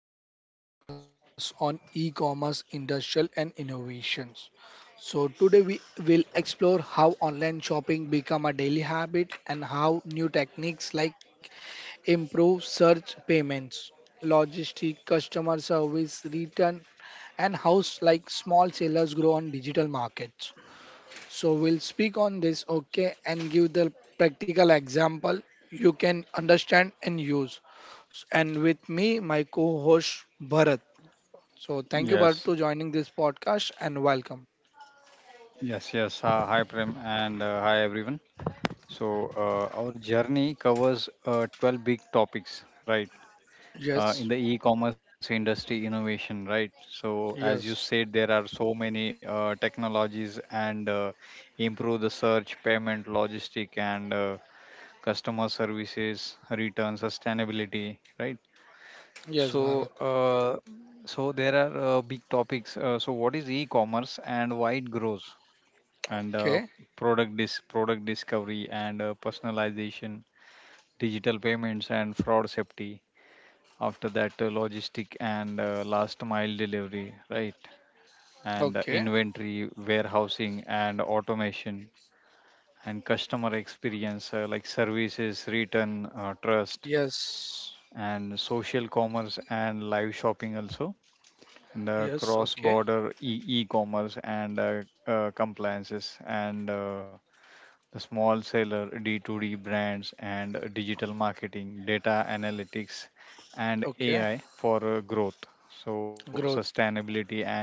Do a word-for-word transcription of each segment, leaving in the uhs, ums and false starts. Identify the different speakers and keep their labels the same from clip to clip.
Speaker 1: special podcast on e-commerce, industrial and innovations. So today we will explore how online shopping become a daily habit and how new techniques like improve search payments, logistic, customer service, return and house like small sellers grow on digital markets. So we'll speak on this okay and give the practical example you can understand and use. S- And with me, my co host Bharat. So, thank you, Bharat,
Speaker 2: Yes,
Speaker 1: to joining this podcast and welcome.
Speaker 2: yes, yes. Uh, hi, Prem, and uh, hi, everyone. So, uh, our journey covers uh, twelve big topics, right? Uh, in the
Speaker 1: Yes,
Speaker 2: e commerce industry innovation, right? So, as you
Speaker 1: yes,
Speaker 2: said, there are so many uh, technologies and uh, improve the search, payment, logistic, and uh, customer services, return, sustainability, right?
Speaker 1: yes,
Speaker 2: So,
Speaker 1: Bharat.
Speaker 2: uh, so there are uh, big topics. Uh, so, what is e commerce and why it grows? And uh,
Speaker 1: Okay,
Speaker 2: Product dis- product discovery and uh, personalization, digital payments and fraud safety. After that, uh, logistic and uh, last mile delivery, right? And uh,
Speaker 1: okay.
Speaker 2: inventory, warehousing and automation and customer experience uh, like services, return, uh, trust
Speaker 1: Yes,
Speaker 2: and social commerce and live shopping also and uh,
Speaker 1: yes,
Speaker 2: cross
Speaker 1: okay,
Speaker 2: border e- e-commerce and uh, uh, compliances and uh, the small seller, D two D brands, and digital marketing, data analytics, and A I
Speaker 1: okay.
Speaker 2: for uh, growth. So,
Speaker 1: Growth.
Speaker 2: sustainability and uh,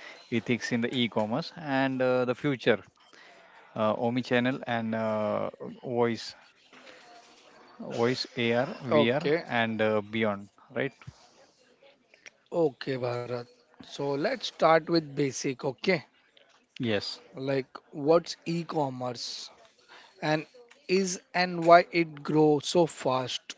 Speaker 2: ethics in the e commerce, and uh, the future, uh, omnichannel and uh, voice, voice A R, V R,
Speaker 1: Okay,
Speaker 2: and uh, beyond, right?
Speaker 1: okay, Bharat. So, let's start with basic, okay?
Speaker 2: Yes,
Speaker 1: Like, what's e commerce and is and why it grows so fast?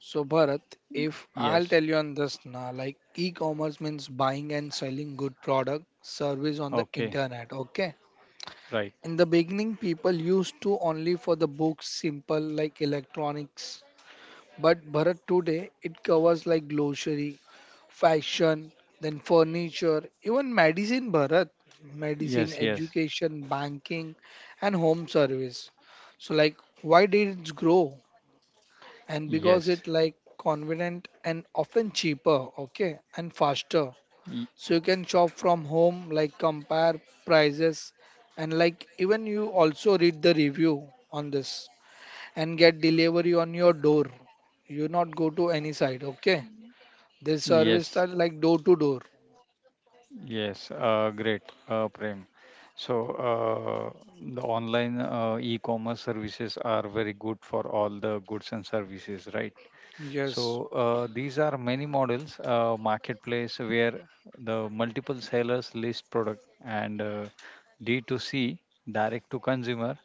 Speaker 1: So Bharat, if I'll
Speaker 2: yes,
Speaker 1: tell you on this now, like e-commerce means buying and selling good product, service on the
Speaker 2: okay,
Speaker 1: internet, okay?
Speaker 2: right.
Speaker 1: In the beginning, people used to only for the books, simple like electronics. But Bharat today, it covers like grocery, fashion, then furniture, even medicine, Bharat, medicine,
Speaker 2: Yes, yes,
Speaker 1: education, banking, and home service. So like, why did it grow? And because
Speaker 2: yes,
Speaker 1: it like convenient and often cheaper, okay, and faster,
Speaker 2: y-
Speaker 1: so you can shop from home, like compare prices and like even you also read the review on this and get delivery on your door. You not go to any side, okay? This service
Speaker 2: yes,
Speaker 1: style like door to door.
Speaker 2: Yes, uh, great, uh, Prem. So, uh, the online uh, e-commerce services are very good for all the goods and services, right?
Speaker 1: Yes,
Speaker 2: So, uh, these are many models, uh, marketplace where the multiple sellers list product and uh, D two C, direct to consumer.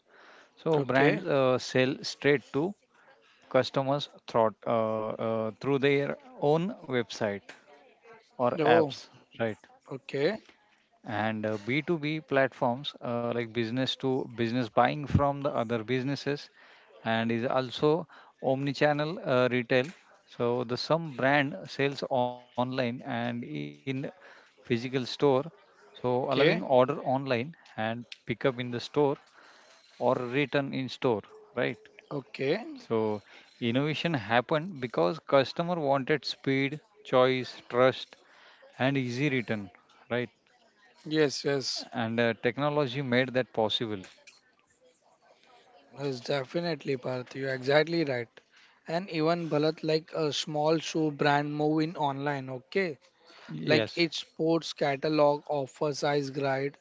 Speaker 2: So,
Speaker 1: okay.
Speaker 2: brands uh, sell straight to customers through, uh, uh, through their own website or
Speaker 1: Oh,
Speaker 2: apps, right?
Speaker 1: okay,
Speaker 2: And uh, b two b platforms uh, like business to business buying from the other businesses and is also omnichannel uh, retail, so the some brand sells online and in physical store, so allowing order
Speaker 1: okay,
Speaker 2: online and pick up in the store or return in store, right?
Speaker 1: okay.
Speaker 2: So innovation happened because customer wanted speed, choice, trust and easy return, right?
Speaker 1: Yes, yes.
Speaker 2: And uh, technology made that possible.
Speaker 1: Yes, definitely, Parth. You're exactly right. And even Bharat, like a small shoe brand, move in online. Okay, like
Speaker 2: Yes
Speaker 1: its sports catalog, offer size guide.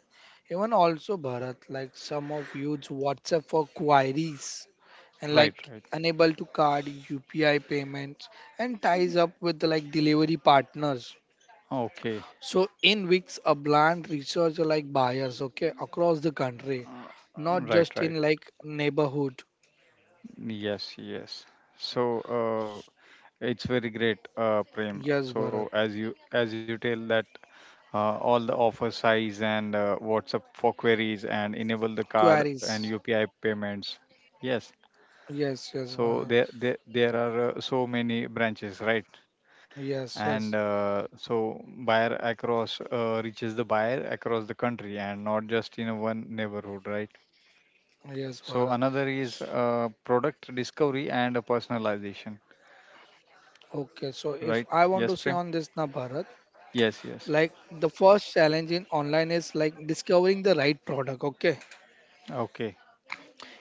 Speaker 1: Even also Bharat, like some of use WhatsApp for queries and
Speaker 2: right
Speaker 1: like
Speaker 2: right
Speaker 1: unable to card U P I payments and ties up with like delivery partners.
Speaker 2: okay
Speaker 1: So in weeks, a brand research like buyers. Okay, across the country,
Speaker 2: Uh,
Speaker 1: not
Speaker 2: right
Speaker 1: just
Speaker 2: right
Speaker 1: in like neighborhood.
Speaker 2: yes yes so uh, it's very great, uh, Prem.
Speaker 1: Yes,
Speaker 2: So
Speaker 1: Bharat.
Speaker 2: as you as you tell that uh, all the offer size and uh, whatsapp for queries and enable the card
Speaker 1: Queries.
Speaker 2: and upi payments, yes.
Speaker 1: Yes, yes,
Speaker 2: So
Speaker 1: Bharat.
Speaker 2: there there, there are uh, so many branches, right?
Speaker 1: Yes,
Speaker 2: And
Speaker 1: yes,
Speaker 2: uh, so buyer across uh, reaches the buyer across the country and not just in one neighborhood, right?
Speaker 1: yes, Bharat.
Speaker 2: So another
Speaker 1: S-
Speaker 2: is uh, product discovery and personalization,
Speaker 1: Okay, so if I want to
Speaker 2: right?
Speaker 1: say on
Speaker 2: yes
Speaker 1: this
Speaker 2: prem
Speaker 1: now, Bharat,
Speaker 2: yes
Speaker 1: like
Speaker 2: yes
Speaker 1: the first challenge in online is like discovering the right product. Okay,
Speaker 2: okay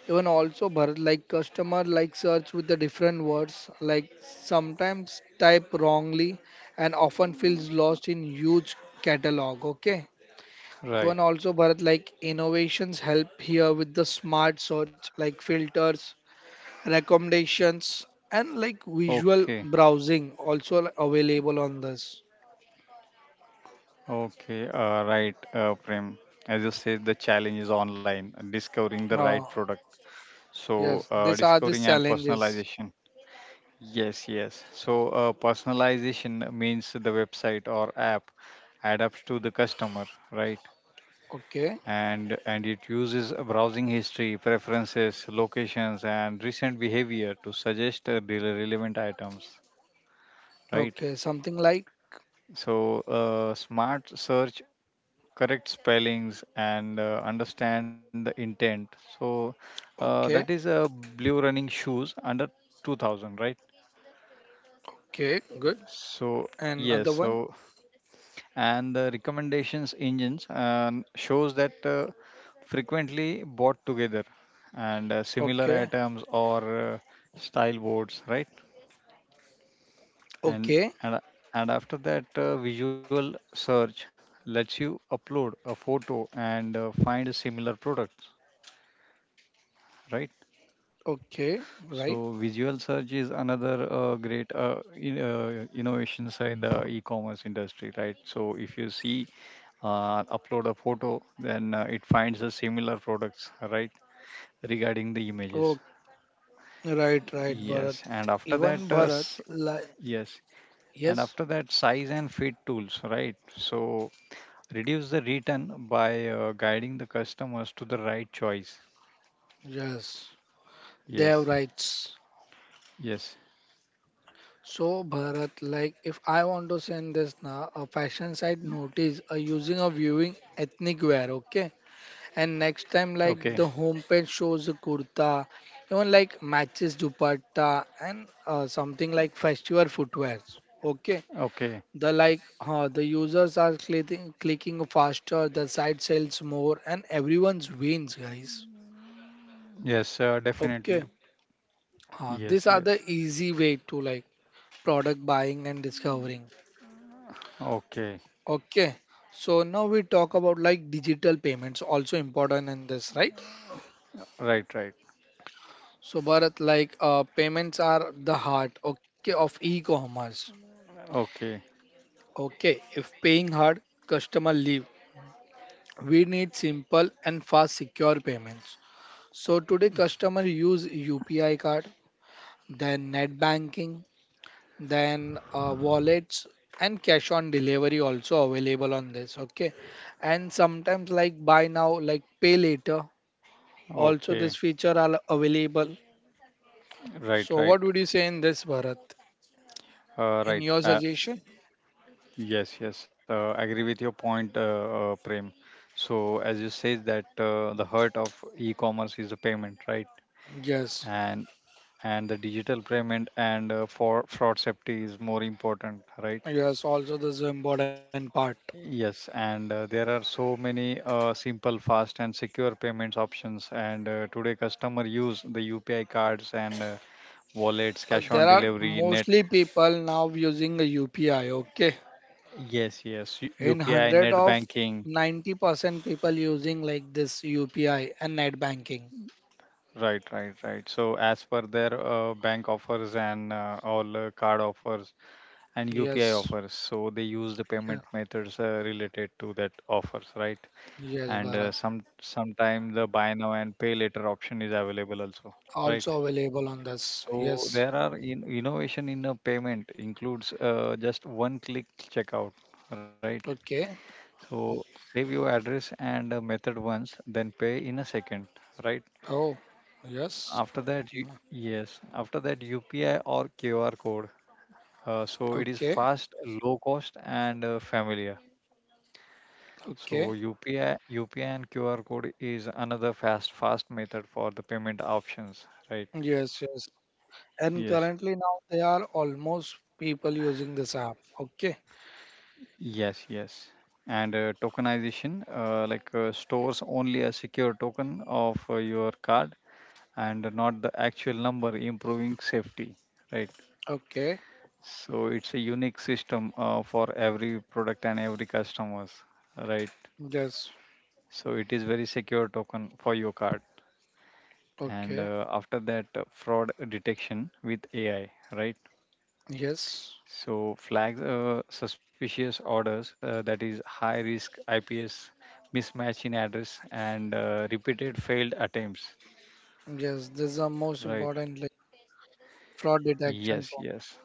Speaker 1: even also Bharat, like customer like search with the different words, like sometimes type wrongly and often feels lost in huge catalog. Okay. Even
Speaker 2: right
Speaker 1: also Bharat, like innovations help here with the smart search like filters, recommendations and like visual
Speaker 2: okay
Speaker 1: browsing also available on this.
Speaker 2: okay uh, right uh, Prem, as you said, the challenge is online discovering the right
Speaker 1: uh,
Speaker 2: product, so
Speaker 1: yes,
Speaker 2: uh,
Speaker 1: these are the
Speaker 2: discovering and
Speaker 1: challenges.
Speaker 2: personalization. Yes, yes. So, uh, personalization means the website or app adapts to the customer, right?
Speaker 1: Okay,
Speaker 2: And and it uses a browsing history, preferences, locations, and recent behavior to suggest uh, the relevant items,
Speaker 1: okay,
Speaker 2: right?
Speaker 1: something like
Speaker 2: So, uh, smart search correct spellings and uh, understand the intent. So, uh, that is
Speaker 1: okay,
Speaker 2: uh, blue running shoes under two thousand, right?
Speaker 1: okay, good,
Speaker 2: So,
Speaker 1: and
Speaker 2: yes.
Speaker 1: other one.
Speaker 2: So. and the recommendations engines um, shows that uh, frequently bought together and uh, similar
Speaker 1: Okay,
Speaker 2: items or uh, style boards, right? and
Speaker 1: okay,
Speaker 2: and, and after that uh, visual search lets you upload a photo and uh, find similar products, right?
Speaker 1: okay, right.
Speaker 2: So visual search is another uh, great uh, in, uh, innovations in the e-commerce industry, right? So if you see uh, upload a photo, then uh, it finds a similar products, right? Regarding the
Speaker 1: Oh,
Speaker 2: images,
Speaker 1: right, right, Bharat.
Speaker 2: yes. And
Speaker 1: Even
Speaker 2: after that,
Speaker 1: Bharat
Speaker 2: uh, s-
Speaker 1: like
Speaker 2: yes. And
Speaker 1: yes
Speaker 2: after that, size and fit tools, right? So reduce the return by uh, guiding the customers to the right choice.
Speaker 1: yes they have
Speaker 2: Yes.
Speaker 1: rights.
Speaker 2: Yes.
Speaker 1: So Bharat, like if I want to send this now, a fashion site notice uh, using a viewing ethnic wear, okay? And next time,
Speaker 2: Okay.
Speaker 1: like the homepage shows a kurta, even like matches dupatta and uh, something like festival footwears, okay?
Speaker 2: Okay.
Speaker 1: The like uh, the users are clicking clicking faster, the site sells more, and everyone's wins, guys.
Speaker 2: Yes. Uh, definitely.
Speaker 1: Okay, uh,
Speaker 2: Yes.
Speaker 1: these are
Speaker 2: Yes.
Speaker 1: the easy way to like product buying and discovering.
Speaker 2: Okay.
Speaker 1: Okay, so now we talk about like digital payments, also important in this, right?
Speaker 2: Right. Right.
Speaker 1: So Bharat, like uh, payments are the heart, okay, of e-commerce.
Speaker 2: Okay.
Speaker 1: Okay, if paying hard, customer leave. We need simple and fast, secure payments. So today, customer use U P I card, then net banking, then uh, wallets and cash on delivery also available on this. Okay, and sometimes like buy now, like pay later. Also,
Speaker 2: Okay.
Speaker 1: this feature are available.
Speaker 2: Right.
Speaker 1: So,
Speaker 2: Right.
Speaker 1: what would you say in this, Bharat?
Speaker 2: Uh,
Speaker 1: In
Speaker 2: right.
Speaker 1: your suggestion?
Speaker 2: Yes, yes, uh, I agree with your point, uh, uh, Prem. So as you said that uh, the heart of e-commerce is the payment, right?
Speaker 1: Yes,
Speaker 2: And and the digital payment and uh, for fraud safety is more important, right?
Speaker 1: yes. Also, this is an important part.
Speaker 2: Yes, and uh, there are so many uh, simple, fast, and secure payments options. And uh, today, customer use the U P I cards and uh, wallets,
Speaker 1: Uh,
Speaker 2: cash on
Speaker 1: there are
Speaker 2: delivery, net.
Speaker 1: mostly people now using a U P I. Okay,
Speaker 2: Yes, yes, U-
Speaker 1: in
Speaker 2: UPI,
Speaker 1: hundred
Speaker 2: net
Speaker 1: of
Speaker 2: banking.
Speaker 1: ninety percent people using like this U P I and net banking.
Speaker 2: Right, right, right. So as per their uh, bank offers and uh, all uh, card offers and U P I
Speaker 1: Yes,
Speaker 2: offers, so they use the
Speaker 1: yeah.
Speaker 2: payment methods uh, related to that offers, right?
Speaker 1: Yes,
Speaker 2: And uh,
Speaker 1: Bharat.
Speaker 2: some sometime the buy now and pay later option is available also, right?
Speaker 1: Also available on this.
Speaker 2: So
Speaker 1: Yes.
Speaker 2: there are in, innovation in a payment includes uh, just one click checkout, right?
Speaker 1: Okay.
Speaker 2: So save your address and uh, method once, then pay in a second, right?
Speaker 1: Oh, yes.
Speaker 2: After that, you, yes, after that U P I or Q R code. Uh, so it is
Speaker 1: Okay.
Speaker 2: fast, low cost, and uh, familiar. So
Speaker 1: Okay.
Speaker 2: U P I, U P I and Q R code is another fast, fast method for the payment options, right?
Speaker 1: Yes. Yes. And
Speaker 2: Yes,
Speaker 1: currently now there are almost people using this app. Okay.
Speaker 2: yes, yes. And uh, tokenization, uh, like uh, stores only a secure token of uh, your card and not the actual number, improving safety, right?
Speaker 1: Okay.
Speaker 2: So it's a unique system uh, for every product and every customers, right?
Speaker 1: Yes.
Speaker 2: So it is very secure token for your card. And
Speaker 1: Okay.
Speaker 2: uh, after that, uh, fraud detection with A I, right?
Speaker 1: Yes.
Speaker 2: So flags uh, suspicious orders uh, that is high risk I P S mismatch in address and uh, repeated failed attempts,
Speaker 1: Yes. This is the most
Speaker 2: right?
Speaker 1: important like fraud detection
Speaker 2: Yes,
Speaker 1: for
Speaker 2: yes,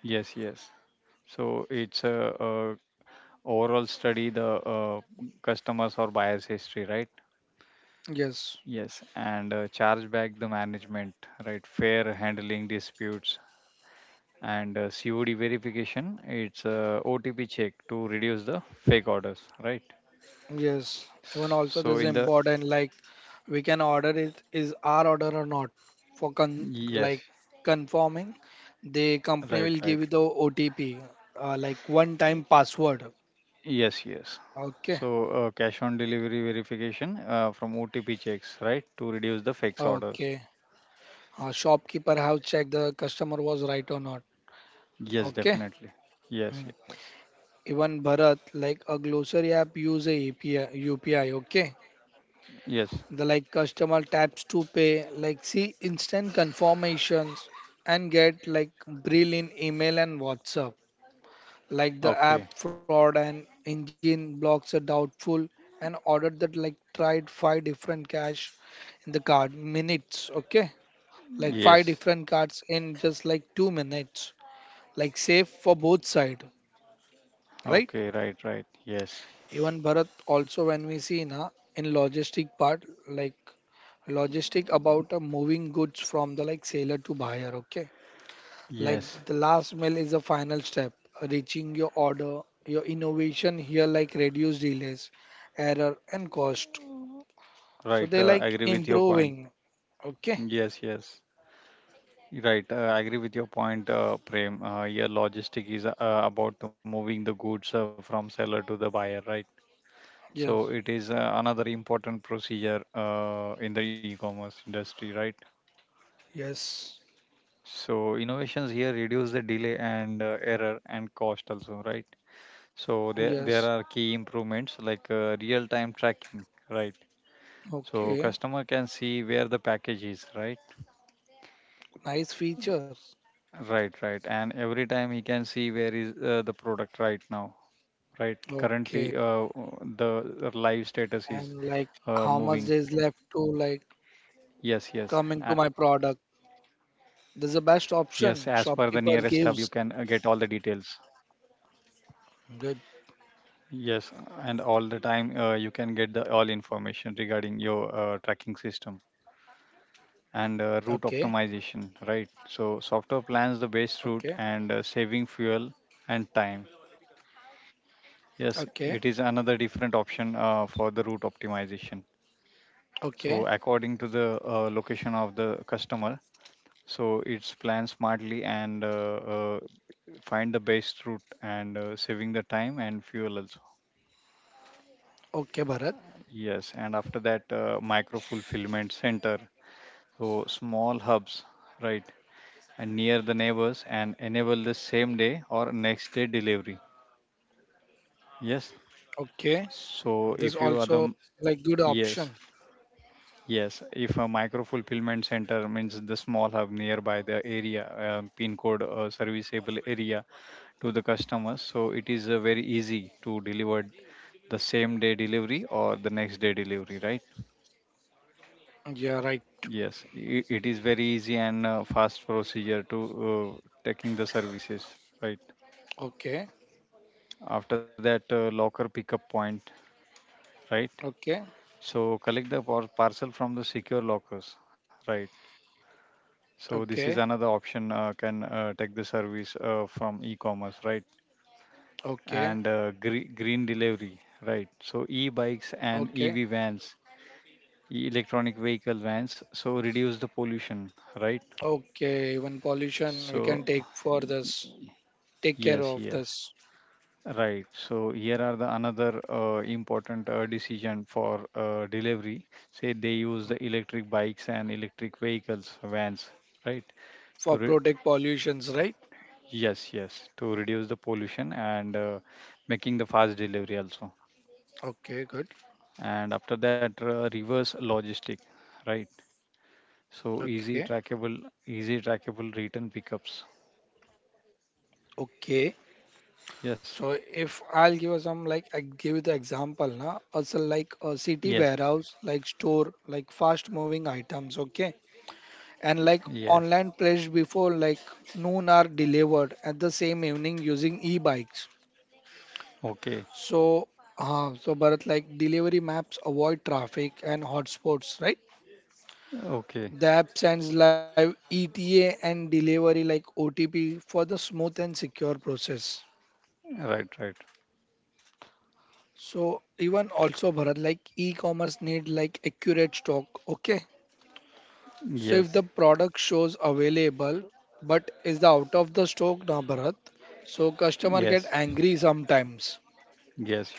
Speaker 2: yes, yes. So it's a, Overall study the uh, customers or buyers history, right?
Speaker 1: yes.
Speaker 2: Yes, and uh, charge back the management, right, fair handling disputes, and uh, cod verification, it's a otp check to reduce the fake orders, right?
Speaker 1: Yes. Even also
Speaker 2: so
Speaker 1: this
Speaker 2: in
Speaker 1: is
Speaker 2: the
Speaker 1: important like we can order it is our order or not for con
Speaker 2: yes
Speaker 1: like confirming the company
Speaker 2: right
Speaker 1: will
Speaker 2: right
Speaker 1: give you the O T P, uh, like one time password.
Speaker 2: yes yes
Speaker 1: Okay.
Speaker 2: so uh, cash on delivery verification uh, from otp checks, right, to reduce the fake
Speaker 1: Okay.
Speaker 2: orders.
Speaker 1: Uh, shopkeeper have checked the customer was right or not.
Speaker 2: Yes
Speaker 1: Okay.
Speaker 2: definitely yes
Speaker 1: Mm.
Speaker 2: yes
Speaker 1: Even Bharat, like a grocery app, use a API, U P I. Okay.
Speaker 2: yes
Speaker 1: The like customer taps to pay, like see instant confirmations and get like brill in email and WhatsApp. Like the
Speaker 2: okay
Speaker 1: app fraud and engine blocks are doubtful and ordered that like tried five different cash in the card minutes. Okay. Like five
Speaker 2: yes
Speaker 1: different cards in just like two minutes. Like safe for both side, right?
Speaker 2: Okay, right, right. Yes,
Speaker 1: Even Bharat, also when we see na in logistic part, like logistic about uh, moving goods from the like seller to buyer, okay? Like
Speaker 2: yes,
Speaker 1: the last mile is the final step, reaching your order. Your innovation here like reduce delays, error and cost. So
Speaker 2: right.
Speaker 1: they
Speaker 2: Uh,
Speaker 1: like
Speaker 2: agree with your point.
Speaker 1: improving, okay?
Speaker 2: Yes, yes. Right, uh, I agree with your point, uh, Prem. Uh, yeah, logistic is uh, about the moving the goods uh, from seller to the buyer, right?
Speaker 1: Yes,
Speaker 2: So it is uh, another important procedure uh, in the e-commerce industry, right?
Speaker 1: yes,
Speaker 2: So innovations here reduce the delay and uh, error and cost also, right? So there
Speaker 1: yes.
Speaker 2: there are key improvements like uh, real-time tracking, right? So
Speaker 1: Okay,
Speaker 2: customer can see where the package is, right?
Speaker 1: nice features.
Speaker 2: Right, right. And every time he can see where is uh, the product right now, right?
Speaker 1: Okay,
Speaker 2: Currently, uh, the live status is
Speaker 1: and like
Speaker 2: uh,
Speaker 1: how much
Speaker 2: moving.
Speaker 1: there is left to like
Speaker 2: Yes, yes.
Speaker 1: come into
Speaker 2: Uh,
Speaker 1: my product?
Speaker 2: yes,
Speaker 1: This is
Speaker 2: as
Speaker 1: the
Speaker 2: per the
Speaker 1: best
Speaker 2: nearest
Speaker 1: option
Speaker 2: hub, you can uh,
Speaker 1: shopkeeper
Speaker 2: get all
Speaker 1: gives.
Speaker 2: the details.
Speaker 1: Good.
Speaker 2: Yes, and all the time uh, you can get the all information regarding your uh, tracking system and uh,
Speaker 1: Okay.
Speaker 2: route optimization, right? So software plans the
Speaker 1: Okay.
Speaker 2: base route and uh, saving fuel and time. Yes, it is
Speaker 1: Okay.
Speaker 2: another different option uh, for the route optimization. So
Speaker 1: Okay.
Speaker 2: according to the uh, location of the customer, so it's plan smartly and uh, uh, find the best route and uh, saving the time and fuel also.
Speaker 1: Okay, Bharat.
Speaker 2: Yes, and after that uh, micro fulfillment center, so small hubs, right, and near the neighbors and enable the same day or next day delivery. Yes.
Speaker 1: Okay.
Speaker 2: So
Speaker 1: This
Speaker 2: if you are
Speaker 1: also
Speaker 2: the
Speaker 1: like good
Speaker 2: yes,
Speaker 1: option.
Speaker 2: Yes, if a micro fulfillment center means the small hub nearby the area, uh, pin code uh, serviceable area to the customers, so it is uh, very easy to deliver the same day delivery or the next day delivery, right?
Speaker 1: Yeah, right.
Speaker 2: Yes, I it is very easy and uh, fast procedure to uh, taking the services, right?
Speaker 1: Okay.
Speaker 2: After that, uh, locker pickup point, right?
Speaker 1: Okay.
Speaker 2: So collect the par- parcel from the secure lockers, right? So this is
Speaker 1: Okay.
Speaker 2: another option uh, can uh, take the service uh, from e-commerce, right?
Speaker 1: Okay.
Speaker 2: And uh, gre- green delivery, right? So e-bikes and
Speaker 1: Okay.
Speaker 2: E V vans, e- electronic vehicle vans, so reduce the pollution, right?
Speaker 1: Okay. Even pollution
Speaker 2: So
Speaker 1: we can take for
Speaker 2: y-
Speaker 1: this. Take care
Speaker 2: yes,
Speaker 1: of
Speaker 2: yes,
Speaker 1: this
Speaker 2: right. So here are the another uh, important uh, decision for uh, delivery. Say they use the electric bikes and electric vehicles, vans, right?
Speaker 1: for
Speaker 2: To re
Speaker 1: protect pollutions, right?
Speaker 2: Yes, yes, To reduce the pollution and uh, making the fast delivery also.
Speaker 1: Okay, good.
Speaker 2: And after that, uh, reverse logistic, right? So easy
Speaker 1: Okay.
Speaker 2: trackable, easy trackable return pickups.
Speaker 1: Okay.
Speaker 2: Yes,
Speaker 1: So if I'll give you some like I give you the example na also like a
Speaker 2: yes,
Speaker 1: city warehouse like store like fast moving items, okay, and like
Speaker 2: yes.
Speaker 1: online pledged before like noon are delivered at the same evening using e-bikes.
Speaker 2: Okay,
Speaker 1: So uh, so Bharat like delivery maps avoid traffic and hotspots, right? The
Speaker 2: okay.
Speaker 1: app sends live E T A and delivery like O T P for the smooth and secure process.
Speaker 2: Right, right.
Speaker 1: So even also Bharat, like e-commerce need like accurate stock. Okay. So if the
Speaker 2: Yes,
Speaker 1: product shows available but is the out of the stock now Bharat, so customer get
Speaker 2: yes,
Speaker 1: angry sometimes.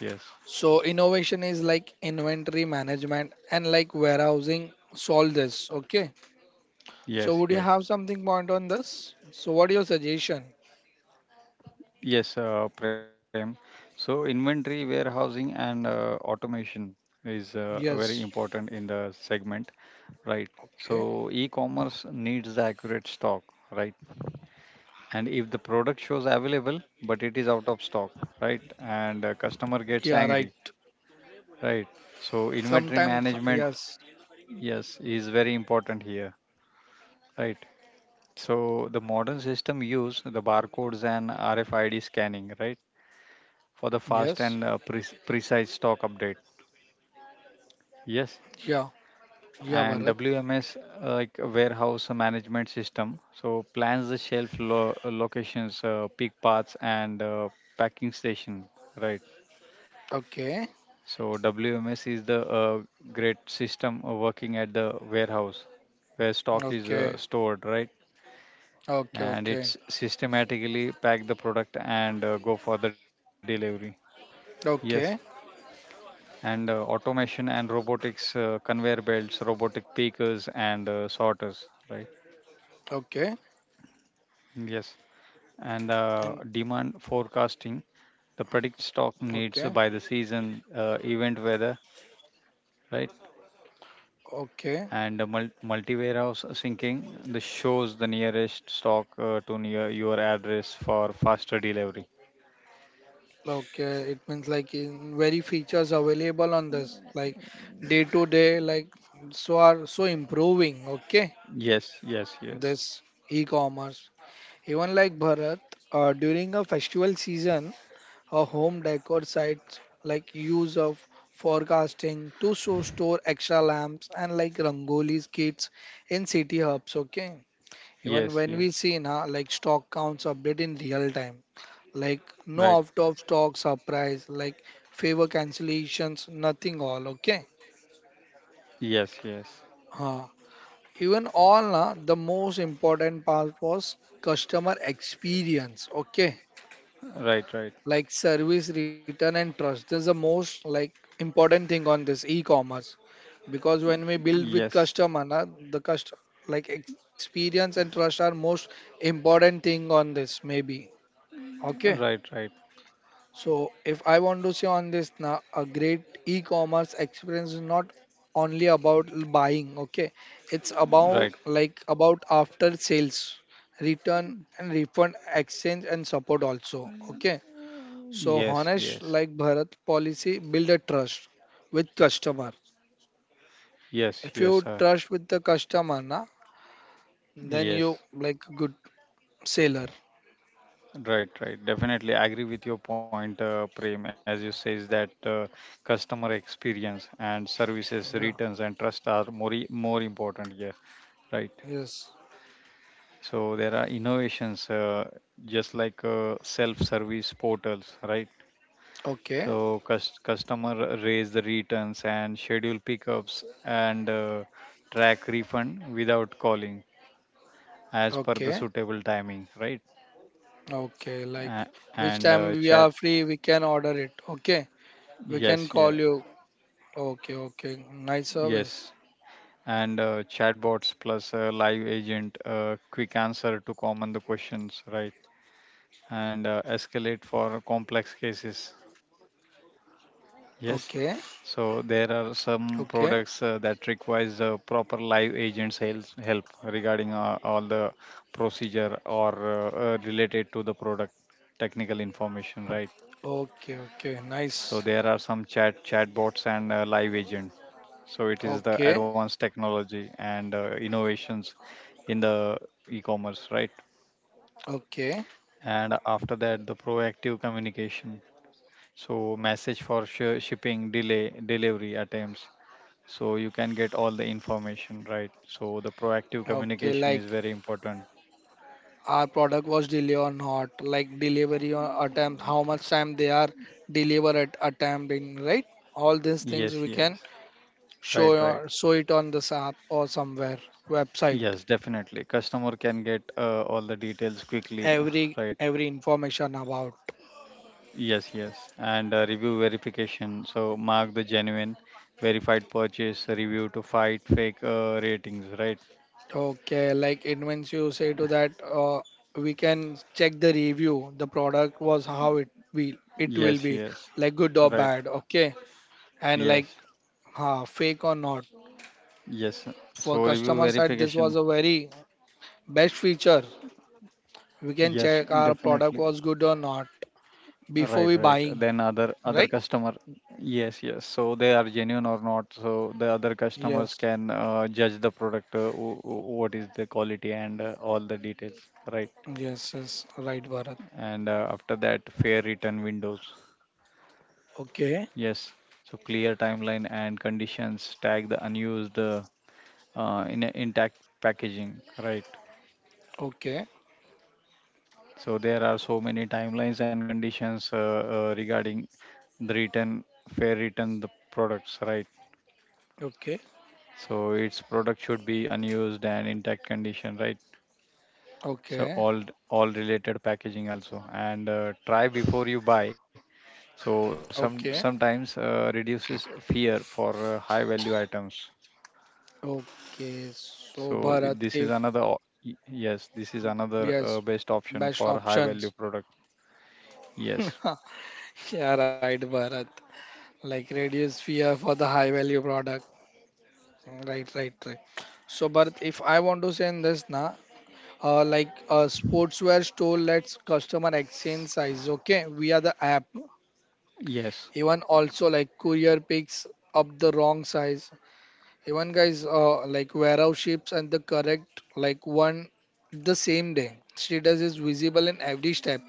Speaker 2: yes, yes,
Speaker 1: So innovation is like inventory management and like warehousing solve this. Okay. So would you
Speaker 2: yes,
Speaker 1: have
Speaker 2: yes,
Speaker 1: something point on this? So what your suggestion?
Speaker 2: yes, uh, Prem. So inventory warehousing and uh, automation is uh, very
Speaker 1: Yes.
Speaker 2: important in the segment. Right.
Speaker 1: Okay.
Speaker 2: So e-commerce needs the accurate stock, right? And if the product shows available but it is out of stock, right? And uh, customer gets
Speaker 1: Yeah. Right.
Speaker 2: angry, right? So inventory
Speaker 1: Sometimes.
Speaker 2: management,
Speaker 1: Yes.
Speaker 2: yes, is very important here, right? So the modern system use the barcodes and R F I D scanning, right? For the fast and
Speaker 1: Yes.
Speaker 2: uh, pre- precise stock update. Yes,
Speaker 1: Yeah.
Speaker 2: and
Speaker 1: Yeah. Bharat.
Speaker 2: W M S uh, like a warehouse management system. So plans the shelf lo- uh, locations, uh, peak paths, and uh, packing station. Right.
Speaker 1: Okay.
Speaker 2: So W M S is the uh, great system uh, working at the warehouse where stock is uh,
Speaker 1: Okay,
Speaker 2: stored. Right.
Speaker 1: okay,
Speaker 2: And it's
Speaker 1: okay,
Speaker 2: systematically pack the product and uh, go for the delivery. Yes.
Speaker 1: okay,
Speaker 2: And uh, automation and robotics, uh, conveyor belts, robotic pickers, and uh, sorters. Right.
Speaker 1: okay,
Speaker 2: Yes. and uh,
Speaker 1: and
Speaker 2: demand forecasting the predict stock
Speaker 1: okay,
Speaker 2: needs by the season uh, event weather, right.
Speaker 1: okay,
Speaker 2: And the multi warehouse syncing, this shows the nearest stock uh, to near your address for faster delivery.
Speaker 1: okay. It means like in very features available on this, like day to day, like so are so improving. Okay,
Speaker 2: Yes, yes, yes,
Speaker 1: this e-commerce. Even like Bharat, uh, during a festival season, a home decor sites like use of forecasting to show store extra lamps and like rangolis kits in city hubs. Okay, even
Speaker 2: yes,
Speaker 1: when we
Speaker 2: yes,
Speaker 1: see now, like stock counts update in real time, like no
Speaker 2: right,
Speaker 1: out of stock surprise, like favor cancellations, nothing all. Okay.
Speaker 2: yes, yes,
Speaker 1: Huh. Even all na, the most important part was customer experience. Okay.
Speaker 2: right, right,
Speaker 1: Like service, return, and trust. This is the most like important thing on this e-commerce because when we build with
Speaker 2: yes,
Speaker 1: customer, na, the customer like experience and trust are most important thing on this maybe. Okay.
Speaker 2: right, right,
Speaker 1: So, if I want to say on this now, a great e-commerce experience is not only about l- buying, okay? It's
Speaker 2: right,
Speaker 1: about like about after sales, return and refund, exchange and support also, okay? So,
Speaker 2: yes,
Speaker 1: honest
Speaker 2: yes,
Speaker 1: like Bharat policy build a trust with customer.
Speaker 2: yes,
Speaker 1: If
Speaker 2: yes,
Speaker 1: you
Speaker 2: sir,
Speaker 1: trust with the customer, na, then
Speaker 2: yes.
Speaker 1: you like good seller.
Speaker 2: Right, right. Definitely agree with your point, uh, Prem. As you says that uh, customer experience and services
Speaker 1: Yeah.
Speaker 2: returns and trust are more i- more important here, right?
Speaker 1: Yes.
Speaker 2: So there are innovations, uh, just like uh, self-service portals, right?
Speaker 1: Okay.
Speaker 2: So cus- customer raise the returns and schedule pickups and uh, track refund without calling as per the
Speaker 1: Okay.
Speaker 2: suitable timing, right?
Speaker 1: Okay,
Speaker 2: Uh,
Speaker 1: like which
Speaker 2: and
Speaker 1: time
Speaker 2: uh,
Speaker 1: we
Speaker 2: chat,
Speaker 1: are free, we can order it. Okay, we can
Speaker 2: yes,
Speaker 1: call
Speaker 2: yeah,
Speaker 1: you. Okay, okay, nice
Speaker 2: yes.
Speaker 1: service.
Speaker 2: And uh, chatbots plus a live agent, uh, quick answer to common the questions, right? And uh, escalate for complex cases.
Speaker 1: Okay,
Speaker 2: Yes, so there are some
Speaker 1: okay,
Speaker 2: products uh, that requires uh, proper live agents help, help regarding uh, all the procedure or uh, uh, related to the product technical information, right?
Speaker 1: okay, okay,
Speaker 2: So
Speaker 1: nice.
Speaker 2: there are some chat chatbots and uh, live agents. So it is the
Speaker 1: Okay,
Speaker 2: advanced technology and uh, innovations in the e-commerce, right?
Speaker 1: okay,
Speaker 2: And after that, the proactive communication. So message for sh- shipping delay, delivery attempts. So you can get all the information, right? So the proactive
Speaker 1: okay, like
Speaker 2: communication is very important.
Speaker 1: our product was delay or not, like delivery or attempt, how much time they are deliver at attempt in, right? All these things
Speaker 2: Yes,
Speaker 1: we can
Speaker 2: yes. Right,
Speaker 1: show
Speaker 2: right.
Speaker 1: or show it on this app or somewhere website.
Speaker 2: Yes, definitely. Customer can get uh, all the details quickly,
Speaker 1: Every
Speaker 2: right?
Speaker 1: every information about.
Speaker 2: Yes, yes. And uh, review verification. So mark the genuine verified purchase review to fight fake uh, ratings, right?
Speaker 1: Okay, like it means you say to that uh, we can check the review. The product was how it will it will
Speaker 2: Yes,
Speaker 1: be
Speaker 2: yes.
Speaker 1: like good or
Speaker 2: Right.
Speaker 1: bad. Okay, and like
Speaker 2: Yes,
Speaker 1: ha, fake or not.
Speaker 2: yes.
Speaker 1: For
Speaker 2: So review
Speaker 1: customer side, this
Speaker 2: verification.
Speaker 1: was a very best feature. We can
Speaker 2: Yes,
Speaker 1: check our product
Speaker 2: definitely.
Speaker 1: was good or not
Speaker 2: Right,
Speaker 1: before
Speaker 2: right.
Speaker 1: we
Speaker 2: Then
Speaker 1: buying.
Speaker 2: other
Speaker 1: Right?
Speaker 2: other customer. Yes, yes. So they are genuine or not. So the other customers
Speaker 1: Yes.
Speaker 2: can uh, judge the product, uh, wh- wh- what is the quality and uh, all the details, right?
Speaker 1: Yes. Yes. Right, Bharat.
Speaker 2: And uh, after that, fair return windows.
Speaker 1: Okay.
Speaker 2: Yes, so clear timeline and conditions, tag the unused uh, uh, in a intact packaging, right?
Speaker 1: Okay.
Speaker 2: So there are so many timelines and conditions uh, uh, regarding the return, fair return the products, right?
Speaker 1: Okay.
Speaker 2: So its product should be unused and intact condition, right? So
Speaker 1: Okay.
Speaker 2: all all related packaging also, and uh, try before you buy. So some
Speaker 1: Okay.
Speaker 2: sometimes uh, reduces fear for uh, high value items.
Speaker 1: Okay. So
Speaker 2: So I-
Speaker 1: Bharat,
Speaker 2: this is
Speaker 1: if
Speaker 2: another o- y- yes, this is another uh,
Speaker 1: yes,
Speaker 2: best option
Speaker 1: best
Speaker 2: for high value
Speaker 1: options.
Speaker 2: product. Yes.
Speaker 1: Yeah, right, Bharat. Like reduce fear for the high value product. Right, right, right. So, Bharat, if I want to say this, na, uh, like a sportswear store lets customer exchange size, okay, via the app.
Speaker 2: Yes.
Speaker 1: Even also like courier picks up the wrong size. Even guys, uh, like warehouse ships and the correct like one the same day. Status is visible in every step.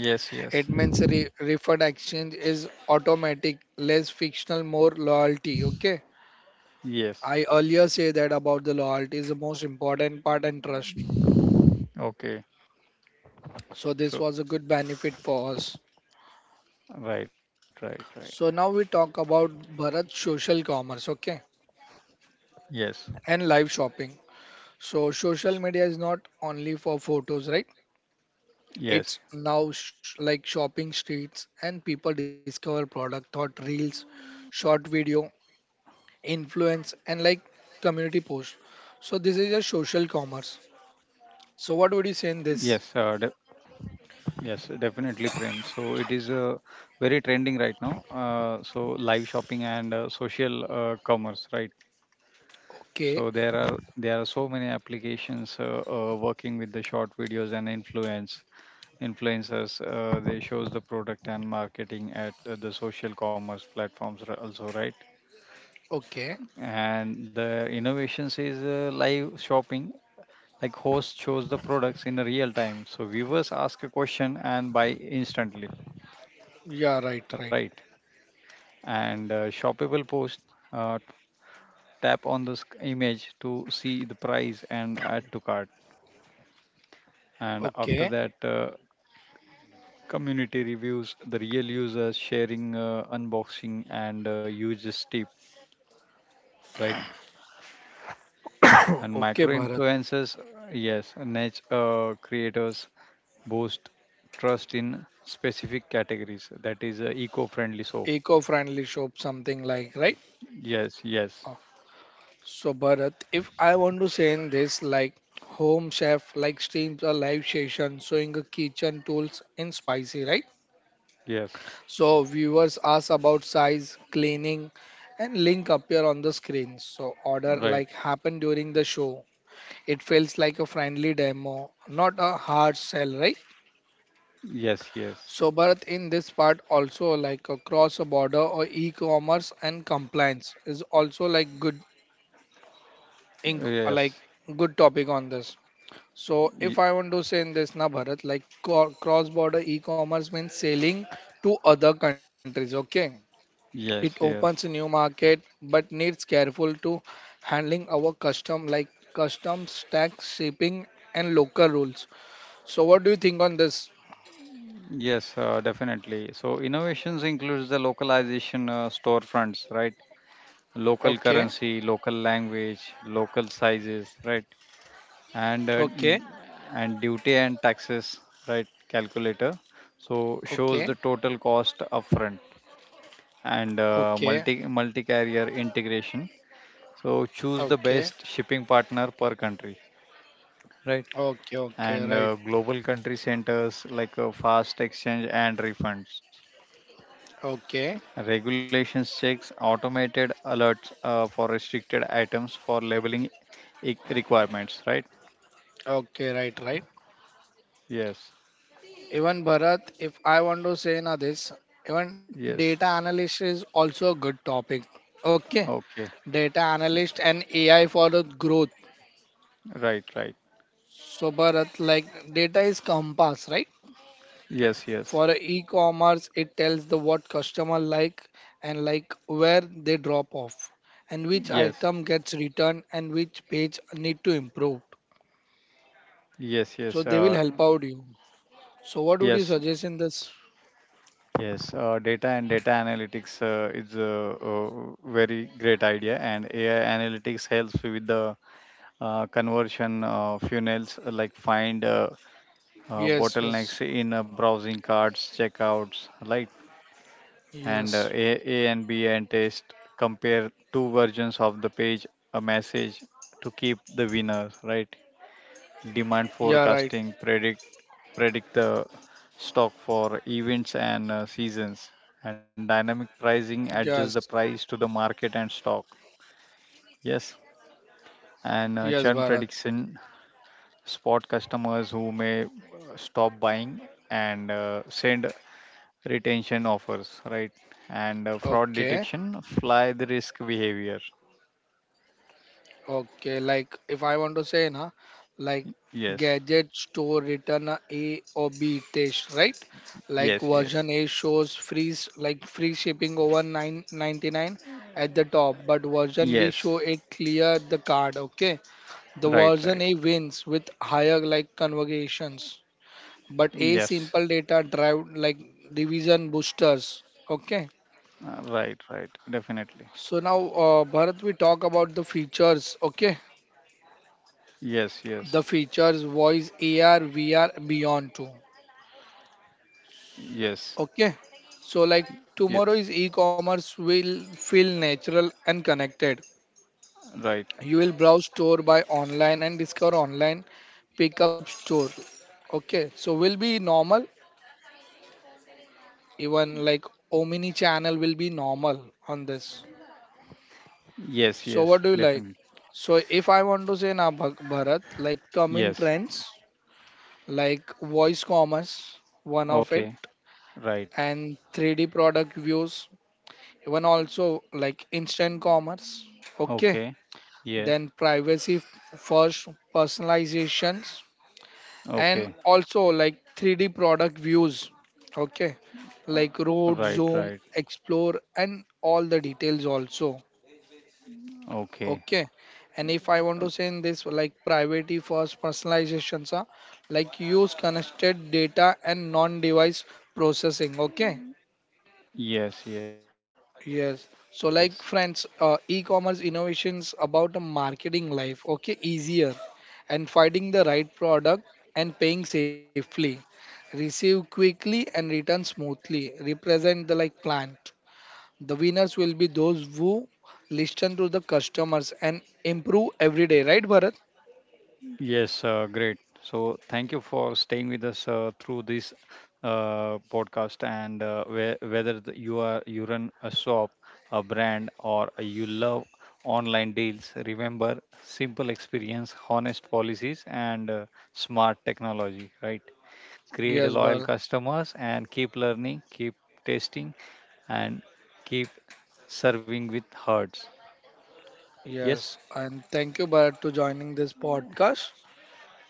Speaker 2: Yes,
Speaker 1: It
Speaker 2: yes.
Speaker 1: means re- referred exchange is automatic, less fictional, more loyalty. Okay.
Speaker 2: Yes.
Speaker 1: I earlier say that about the loyalty is the most important part and trust.
Speaker 2: Okay.
Speaker 1: So this
Speaker 2: So
Speaker 1: was a good benefit for us.
Speaker 2: right, right, right.
Speaker 1: So now we talk about Bharat social commerce, okay,
Speaker 2: Yes,
Speaker 1: and live shopping. So social media is not only for photos, right?
Speaker 2: yes,
Speaker 1: It's now sh- like shopping streets and people discover product, thought reels, short video, influence and like community posts. So this is a social commerce. So what would you say
Speaker 2: yes,
Speaker 1: in
Speaker 2: uh, de-
Speaker 1: this?
Speaker 2: yes, definitely, Prem. So it is uh, very trending right now. Uh, so live shopping and uh, social uh, commerce, right?
Speaker 1: Okay,
Speaker 2: So there are there are so many applications uh, uh, working with the short videos and influence. influencers uh, they shows the product and marketing at uh, the social commerce platforms, r- also, right?
Speaker 1: okay,
Speaker 2: And the innovations is uh, live shopping, like host shows the products in real time, so viewers ask a question and buy instantly,
Speaker 1: yeah, right,
Speaker 2: right?
Speaker 1: right.
Speaker 2: And uh, shoppable post, uh, tap on this image to see the price and add to cart. And after
Speaker 1: Okay.
Speaker 2: that, uh, community reviews, the real users sharing uh, unboxing and uh, uses tip, right? And
Speaker 1: Okay,
Speaker 2: micro
Speaker 1: Bharat.
Speaker 2: influencers, yes, niche uh, creators boost trust in specific categories. That is uh, eco-friendly soap.
Speaker 1: Eco-friendly shop something like right.
Speaker 2: Yes,
Speaker 1: Uh,
Speaker 2: yes,
Speaker 1: so Bharat, if I want to say in this, like home chef like streams a live session showing a kitchen tools in spicy, right?
Speaker 2: yes.
Speaker 1: So viewers ask about size cleaning and link appear on the screen so order
Speaker 2: Right.
Speaker 1: like happen during the show. It feels like a friendly demo, not a hard sell, right?
Speaker 2: Yes, yes.
Speaker 1: So, Bharat, in this part also like across a border or e-commerce and compliance is also like good,
Speaker 2: Uh,
Speaker 1: in,
Speaker 2: Yes.
Speaker 1: like good topic on this. So,
Speaker 2: y-
Speaker 1: if I want to say in this na Bharat, like co- cross-border e-commerce means selling to other countries. Okay, it
Speaker 2: Yes,
Speaker 1: opens
Speaker 2: yes.
Speaker 1: a new market, but needs careful to handling our custom like customs tax shipping and local rules. So what do you think on this?
Speaker 2: Yes, uh, definitely. So innovations includes the localization uh, storefronts, right? Local
Speaker 1: Okay,
Speaker 2: currency, local language, local sizes, right? And uh,
Speaker 1: okay,
Speaker 2: and duty and taxes, right, calculator. So shows
Speaker 1: okay,
Speaker 2: the total cost upfront. And uh,
Speaker 1: okay,
Speaker 2: multi multi carrier integration, so choose the
Speaker 1: okay,
Speaker 2: best shipping partner per country, right.
Speaker 1: okay, okay,
Speaker 2: And
Speaker 1: right,
Speaker 2: uh, global country centers, like uh, fast exchange and refunds,
Speaker 1: okay,
Speaker 2: regulations checks, automated alerts uh, for restricted items for labeling e- requirements, right?
Speaker 1: okay, right, right.
Speaker 2: Yes,
Speaker 1: Even Bharat, if I want to say now this, even data
Speaker 2: yes,
Speaker 1: analyst is also a good topic. Okay,
Speaker 2: okay,
Speaker 1: data analyst and A I for the growth.
Speaker 2: right, right.
Speaker 1: So Bharat, like data is compass, right?
Speaker 2: Yes, yes,
Speaker 1: For e-commerce, it tells the what customer like and like where they drop off and which
Speaker 2: yes,
Speaker 1: item gets returned and which page need to improve.
Speaker 2: yes, yes,
Speaker 1: So they
Speaker 2: uh,
Speaker 1: will help out you. So what would you
Speaker 2: yes,
Speaker 1: suggest in this?
Speaker 2: yes. Uh, data and data analytics uh, is a, uh very great idea, and A I analytics helps with the uh, conversion uh, funnels, uh, like find uh, uh,
Speaker 1: Yes,
Speaker 2: bottlenecks
Speaker 1: yes,
Speaker 2: in uh, browsing carts, checkouts, right? And uh,
Speaker 1: yes.
Speaker 2: A, A and B and test, compare two versions of the page, a message, to keep the winner, right? Demand
Speaker 1: Yeah, right.
Speaker 2: forecasting, predict predict the stock for events and uh, seasons, and dynamic
Speaker 1: Yes,
Speaker 2: pricing adjusts the price to the market and stock. Yes,
Speaker 1: yes,
Speaker 2: and
Speaker 1: Bharat.
Speaker 2: uh, churn prediction, spot customers who may uh, stop buying and uh, send retention offers, right? And uh, fraud
Speaker 1: Okay.
Speaker 2: detection, fly the risk behavior.
Speaker 1: Okay, like if I want to say na, like
Speaker 2: Yes,
Speaker 1: gadget store return a A or B test, right? Like
Speaker 2: yes, yes,
Speaker 1: version A shows free s- like free shipping over nine ninety-nine at the top, but version B
Speaker 2: yes.
Speaker 1: show it clear the card. Okay, the
Speaker 2: Right,
Speaker 1: version
Speaker 2: right.
Speaker 1: A wins with higher like conversions, but A
Speaker 2: Yes.
Speaker 1: simple data drive like revision boosters. Okay.
Speaker 2: Uh, right, right. Definitely.
Speaker 1: So now, uh, Bharat, we talk about the features, okay?
Speaker 2: Yes, yes,
Speaker 1: The features voice ar vr beyond too,
Speaker 2: yes.
Speaker 1: okay? So like
Speaker 2: Yeah,
Speaker 1: tomorrow's e-commerce will feel natural and connected.
Speaker 2: right.
Speaker 1: You will browse store by online and discover online pickup store, okay? So will be normal. Even like omni channel will be normal on this.
Speaker 2: Yes,
Speaker 1: So what
Speaker 2: yes,
Speaker 1: do you like?
Speaker 2: definitely.
Speaker 1: So if I want to say now Bhak- Bharat, like coming
Speaker 2: Yes.
Speaker 1: trends like voice commerce one of it
Speaker 2: Okay. Right.
Speaker 1: and three D product views, even also like instant commerce, okay,
Speaker 2: Okay. Yes.
Speaker 1: then privacy first personalizations, and
Speaker 2: Okay.
Speaker 1: also like three D product views, okay, like
Speaker 2: Right,
Speaker 1: road
Speaker 2: right.
Speaker 1: zoom, explore and all the details also,
Speaker 2: Okay.
Speaker 1: okay. And if I
Speaker 2: Uh,
Speaker 1: want to say in this, like privacy first personalizations are like use connected data and non device processing, okay.
Speaker 2: Yes, yes.
Speaker 1: Yes. So, like friends, uh, e-commerce innovations about the marketing life. Okay, easier and finding the right product and paying safely, receive quickly and return smoothly. Represent the like plan. The winners will be those who listen to the customers and improve every day. Right, Bharat?
Speaker 2: Yes, uh, great. So thank you for staying with us uh, through this uh, podcast. And uh, whe- whether the, you are, you run a shop, a brand, or you love online deals, remember simple experience, honest policies, and uh, smart technology, right? Create a
Speaker 1: Yes,
Speaker 2: loyal
Speaker 1: Bharat.
Speaker 2: customers and keep learning, keep testing and keep serving with hearts. Yes?
Speaker 1: Yes. And thank you, Bharat, to joining this podcast.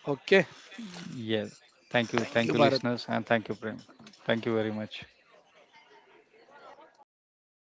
Speaker 1: Okay.
Speaker 2: Yes. Thank you. Thank you
Speaker 1: Thank you,
Speaker 2: listeners
Speaker 1: Bharat.
Speaker 2: and thank you Prem. Thank you very much.